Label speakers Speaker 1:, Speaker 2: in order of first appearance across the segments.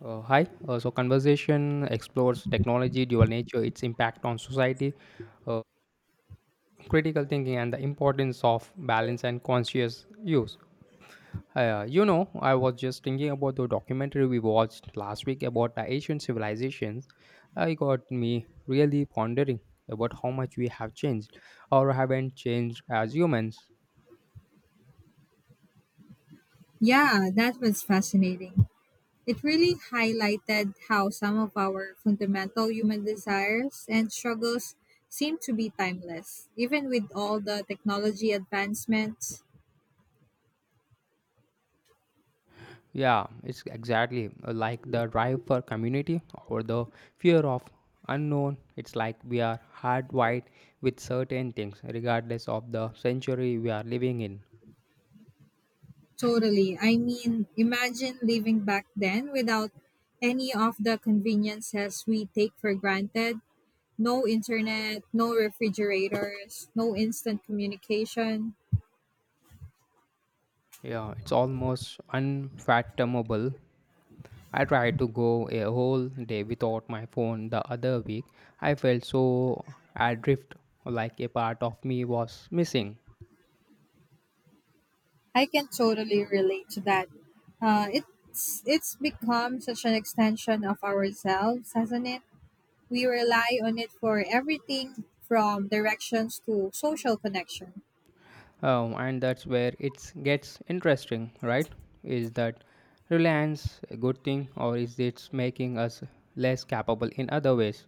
Speaker 1: Hi. Conversation explores technology, dual nature, its impact on society, uh, critical thinking, and the importance of balance and conscious use. You know, I was just thinking about the documentary we watched last week about the Asian civilizations. It got me really pondering about how much we have changed or haven't changed as humans.
Speaker 2: Yeah, that was fascinating. It really highlighted how some of our fundamental human desires and struggles seem to be timeless, even with all the technology advancements.
Speaker 1: Yeah, it's exactly, like the drive for community or the fear of unknown. It's like we are hardwired with certain things, regardless of the century we are living in.
Speaker 2: Totally. I mean, imagine living back then without any of the conveniences we take for granted, no internet, no refrigerators, no instant communication.
Speaker 1: Yeah, it's almost unfathomable. I tried to go a whole day without my phone the other week. I felt so adrift, like a part of me was missing.
Speaker 2: I can totally relate to that. It's become such an extension of ourselves, hasn't it? We rely on it for everything from directions to social connection.
Speaker 1: And that's where it gets interesting, right? Is that reliance a good thing, or is it making us less capable in other ways?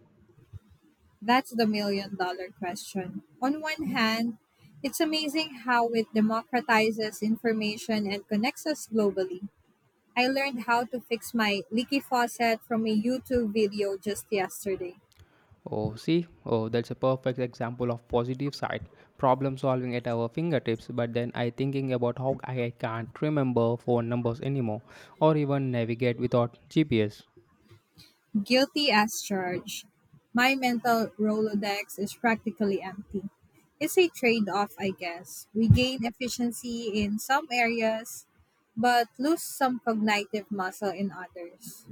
Speaker 2: That's the million dollar question. On one hand, it's amazing how it democratizes information and connects us globally. I learned how to fix my leaky faucet from a YouTube video just yesterday.
Speaker 1: Oh, see, oh, that's a perfect example of positive side problem solving at our fingertips. But then I thinking about how I can't remember phone numbers anymore or even navigate without GPS.
Speaker 2: Guilty as charged. My mental Rolodex is practically empty. It's a trade off, I guess. We gain efficiency in some areas, but lose some cognitive muscle in others.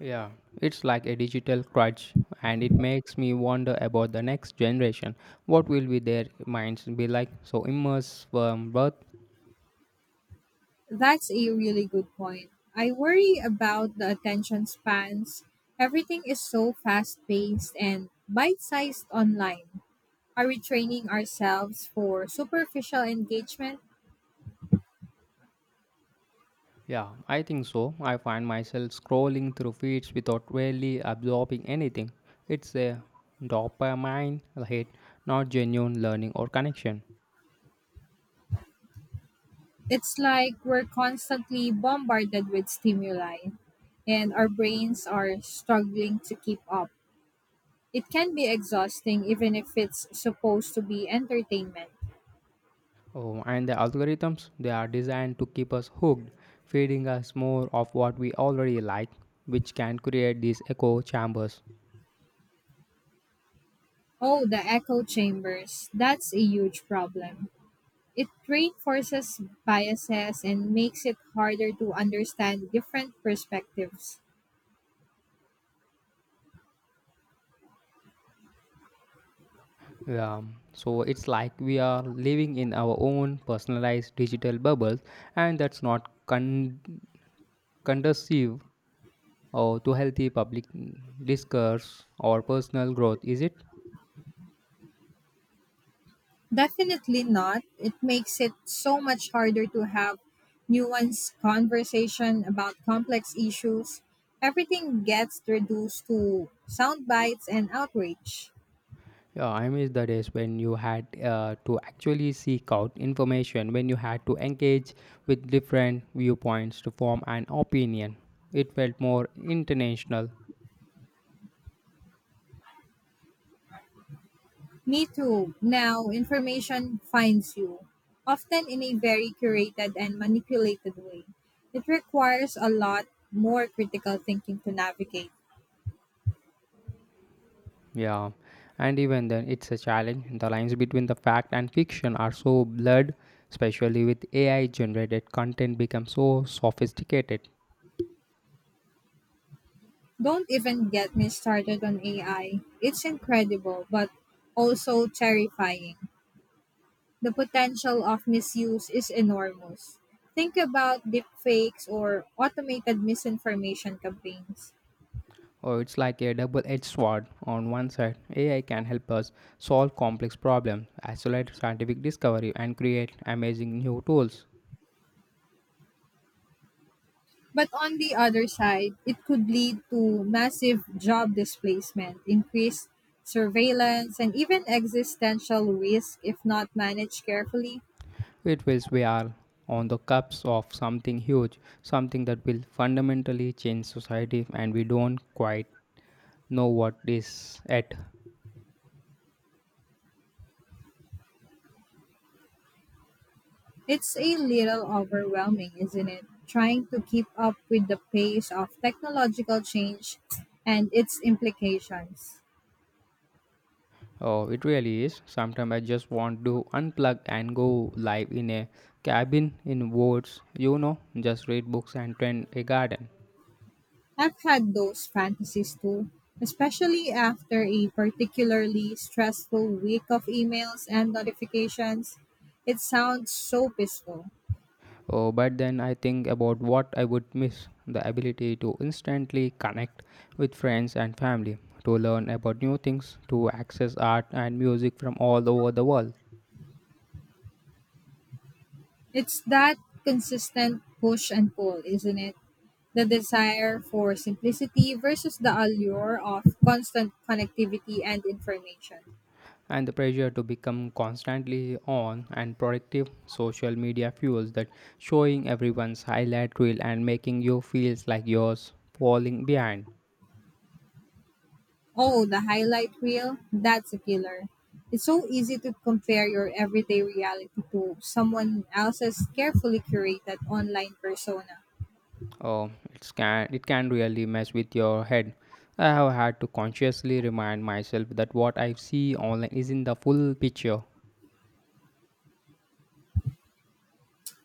Speaker 1: Yeah, it's like a digital crutch, and it makes me wonder about the next generation. What will be their minds be like? So immersed from birth?
Speaker 2: That's a really good point. I worry about the attention spans. Everything is so fast paced and bite sized online. Are we training ourselves for superficial engagement?
Speaker 1: Yeah, I think so. I find myself scrolling through feeds without really absorbing anything. It's a dopamine hit, not genuine learning or connection.
Speaker 2: It's like we're constantly bombarded with stimuli and our brains are struggling to keep up. It can be exhausting even if it's supposed to be entertainment.
Speaker 1: Oh, and the algorithms, they are designed to keep us hooked, feeding us more of what we already like, which can create these echo chambers.
Speaker 2: Oh, the echo chambers. That's a huge problem. It reinforces biases and makes it harder to understand different perspectives.
Speaker 1: Yeah, so it's like we are living in our own personalized digital bubbles, and that's not conducive or to healthy public discourse or personal growth, is it?
Speaker 2: Definitely not. It makes it so much harder to have nuanced conversation about complex issues. Everything gets reduced to sound bites and outrage.
Speaker 1: Yeah, I miss the days when you had, to actually seek out information, when you had to engage with different viewpoints to form an opinion. It felt more international.
Speaker 2: Me too. Now, information finds you, often in a very curated and manipulated way. It requires a lot more critical thinking to navigate.
Speaker 1: Yeah, and even then, it's a challenge. The lines between the fact and fiction are so blurred, especially with AI generated content becomes so sophisticated.
Speaker 2: Don't even get me started on AI. It's incredible, but also terrifying. The potential of misuse is enormous. Think about deepfakes or automated misinformation campaigns.
Speaker 1: Oh, it's like a double edged sword. On one side, AI can help us solve complex problems, accelerate scientific discovery, and create amazing new tools.
Speaker 2: But on the other side, it could lead to massive job displacement, increased surveillance, and even existential risk if not managed carefully.
Speaker 1: It feels we are on the cusp of something huge, something that will fundamentally change society, and we don't quite know what is yet.
Speaker 2: It's a little overwhelming, isn't it? Trying to keep up with the pace of technological change and its implications.
Speaker 1: Oh, it really is. Sometimes I just want to unplug and go live in a cabin in woods, you know, just read books and tend a garden.
Speaker 2: I've had those fantasies too, especially after a particularly stressful week of emails and notifications. It sounds so peaceful.
Speaker 1: Oh, but then I think about what I would miss: the ability to instantly connect with friends and family, to learn about new things, to access art and music from all over the world.
Speaker 2: It's that consistent push and pull, isn't it? The desire for simplicity versus the allure of constant connectivity and information.
Speaker 1: And the pressure to become constantly on and productive social media fuels that, showing everyone's highlight reel and making you feel like you're falling behind.
Speaker 2: Oh, the highlight reel? That's a killer. It's so easy to compare your everyday reality to someone else's carefully curated online persona.
Speaker 1: Oh, it's, can it, can really mess with your head. I have had to consciously remind myself that what I see online isn't the full picture.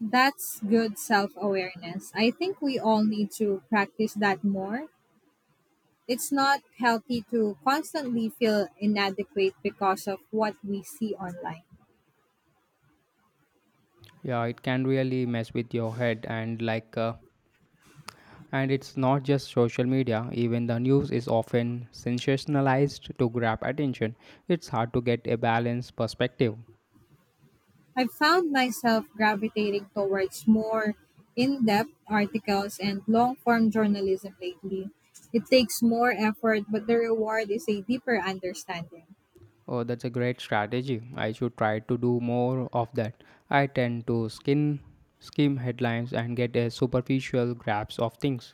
Speaker 2: That's good self awareness. I think we all need to practice that more. It's not healthy to constantly feel inadequate because of what we see online.
Speaker 1: Yeah, it can really mess with your head, and and it's not just social media, even the news is often sensationalized to grab attention. It's hard to get a balanced perspective.
Speaker 2: I've found myself gravitating towards more in depth articles and long form journalism lately. It takes more effort, but the reward is a deeper understanding.
Speaker 1: Oh, that's a great strategy. I should try to do more of that. I tend to skin skim headlines and get a superficial grasp of things.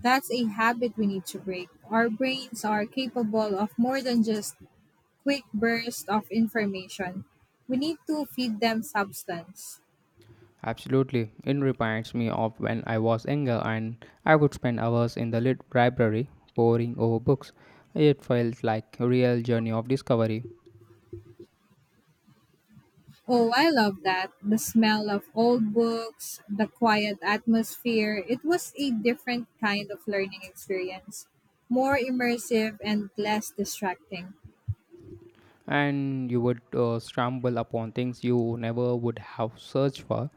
Speaker 2: That's a habit we need to break. Our brains are capable of more than just quick bursts of information. We need to feed them substance.
Speaker 1: Absolutely. It reminds me of when I was younger and I would spend hours in the lit library poring over books. It felt like a real journey of discovery.
Speaker 2: Oh, I love that. The smell of old books, the quiet atmosphere. It was a different kind of learning experience, more immersive and less distracting.
Speaker 1: And you would, stumble upon things you never would have searched for.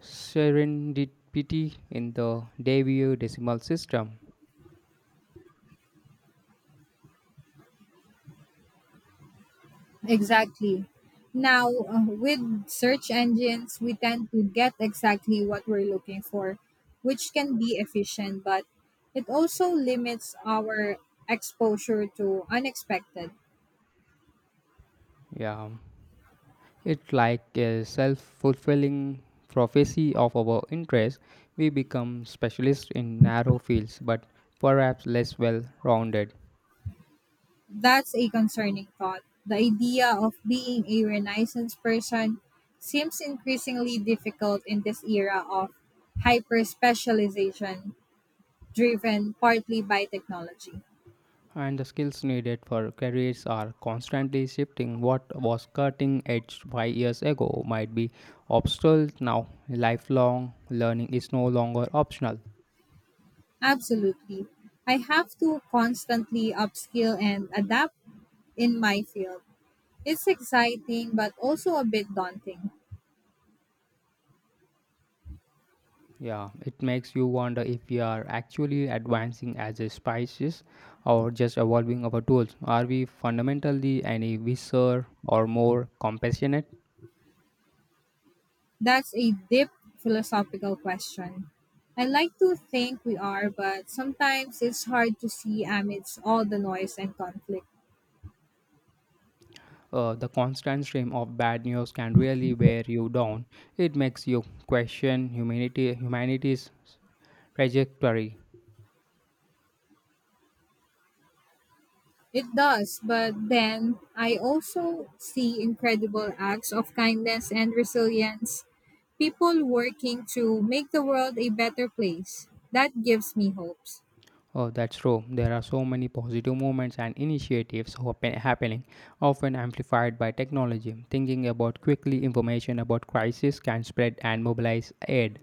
Speaker 1: Serendipity in the Dewey decimal system.
Speaker 2: Exactly. Now, with search engines, we tend to get exactly what we're looking for, which can be efficient, but it also limits our exposure to unexpected.
Speaker 1: Yeah, it's like a self fulfilling prophecy of our interest. We become specialists in narrow fields, but perhaps less well rounded.
Speaker 2: That's a concerning thought. The idea of being a Renaissance person seems increasingly difficult in this era of hyper specialization driven partly by technology.
Speaker 1: And the skills needed for careers are constantly shifting. What was cutting edge 5 years ago might be obsolete now. Lifelong learning is no longer optional.
Speaker 2: Absolutely. I have to constantly upskill and adapt in my field. It's exciting but also a bit daunting.
Speaker 1: Yeah, it makes you wonder if we are actually advancing as a species or just evolving our tools. Are we fundamentally any wiser or more compassionate?
Speaker 2: That's a deep philosophical question. I like to think we are, but sometimes it's hard to see amidst all the noise and conflict.
Speaker 1: The constant stream of bad news can really wear you down. It makes you question humanity, humanity's trajectory.
Speaker 2: It does, but then I also see incredible acts of kindness and resilience, people working to make the world a better place. That gives me hopes.
Speaker 1: Oh, that's true. There are so many positive movements and initiatives happening, often amplified by technology. Thinking about quickly information about crisis can spread and mobilize aid.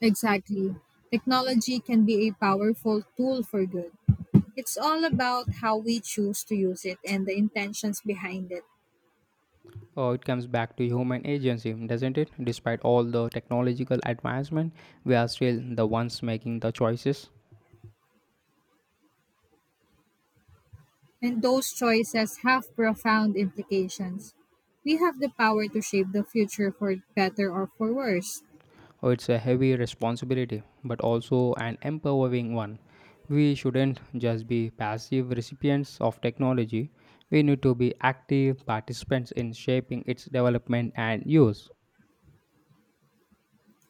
Speaker 2: Exactly. Technology can be a powerful tool for good. It's all about how we choose to use it and the intentions behind it.
Speaker 1: Oh, it comes back to human agency, doesn't it? Despite all the technological advancement, we are still the ones making the choices.
Speaker 2: And those choices have profound implications. We have the power to shape the future for better or for worse.
Speaker 1: Oh, it's a heavy responsibility, but also an empowering one. We shouldn't just be passive recipients of technology. We need to be active participants in shaping its development and use.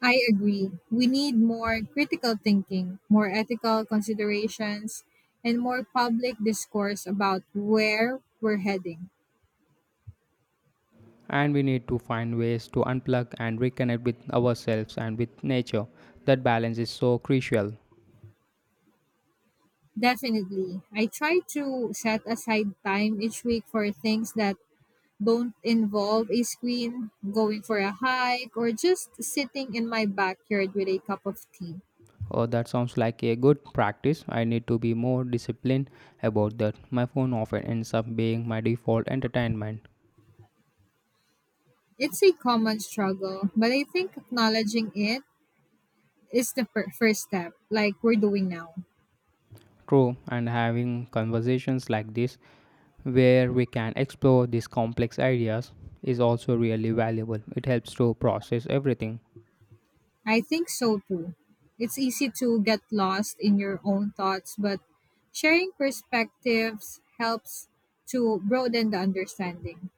Speaker 2: I agree. We need more critical thinking, more ethical considerations, and more public discourse about where we're heading.
Speaker 1: And we need to find ways to unplug and reconnect with ourselves and with nature. That balance is so crucial.
Speaker 2: Definitely. I try to set aside time each week for things that don't involve a screen, going for a hike, or just sitting in my backyard with a cup of tea.
Speaker 1: Oh, that sounds like a good practice. I need to be more disciplined about that. My phone often ends up being my default entertainment.
Speaker 2: It's a common struggle, but I think acknowledging it is the first step, like we're doing now.
Speaker 1: True, and having conversations like this, where we can explore these complex ideas, is also really valuable. It helps to process everything.
Speaker 2: I think so too. It's easy to get lost in your own thoughts, but sharing perspectives helps to broaden the understanding.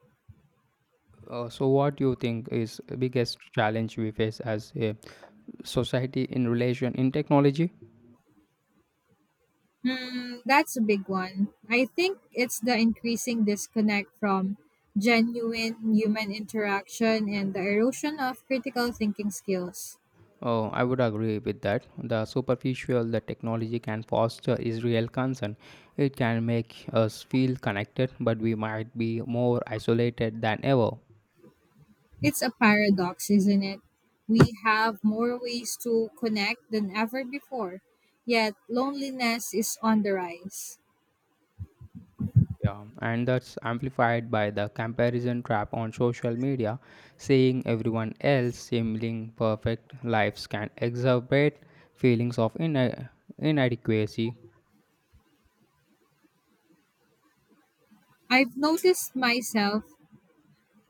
Speaker 1: What do you think is the biggest challenge we face as a society in relation in technology?
Speaker 2: Hmm, that's a big one. I think it's the increasing disconnect from genuine human interaction and the erosion of critical thinking skills.
Speaker 1: I would agree with that. The superficial that technology can foster is real concern. It can make us feel connected, but we might be more isolated than ever.
Speaker 2: It's a paradox, isn't it? We have more ways to connect than ever before, yet loneliness is on the rise.
Speaker 1: Yeah, and that's amplified by the comparison trap on social media, seeing everyone else seeming perfect lives can exacerbate feelings of inadequacy.
Speaker 2: I've noticed myself,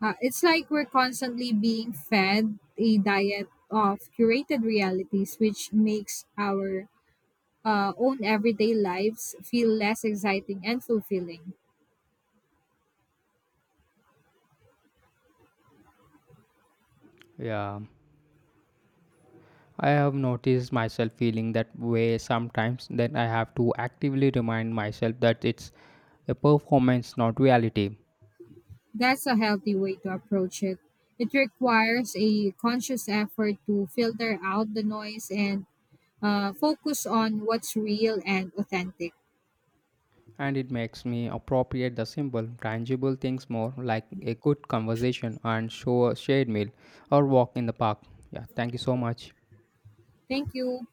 Speaker 2: it's like we're constantly being fed a diet of curated realities, which makes our own everyday lives feel less exciting and fulfilling.
Speaker 1: Yeah, I have noticed myself feeling that way sometimes, then I have to actively remind myself that it's a performance, not reality.
Speaker 2: That's a healthy way to approach it. It requires a conscious effort to filter out the noise and focus on what's real and authentic.
Speaker 1: And it makes me appropriate the simple, tangible things more, like a good conversation and show a shared meal or walk in the park. Yeah, thank you so much.
Speaker 2: Thank you.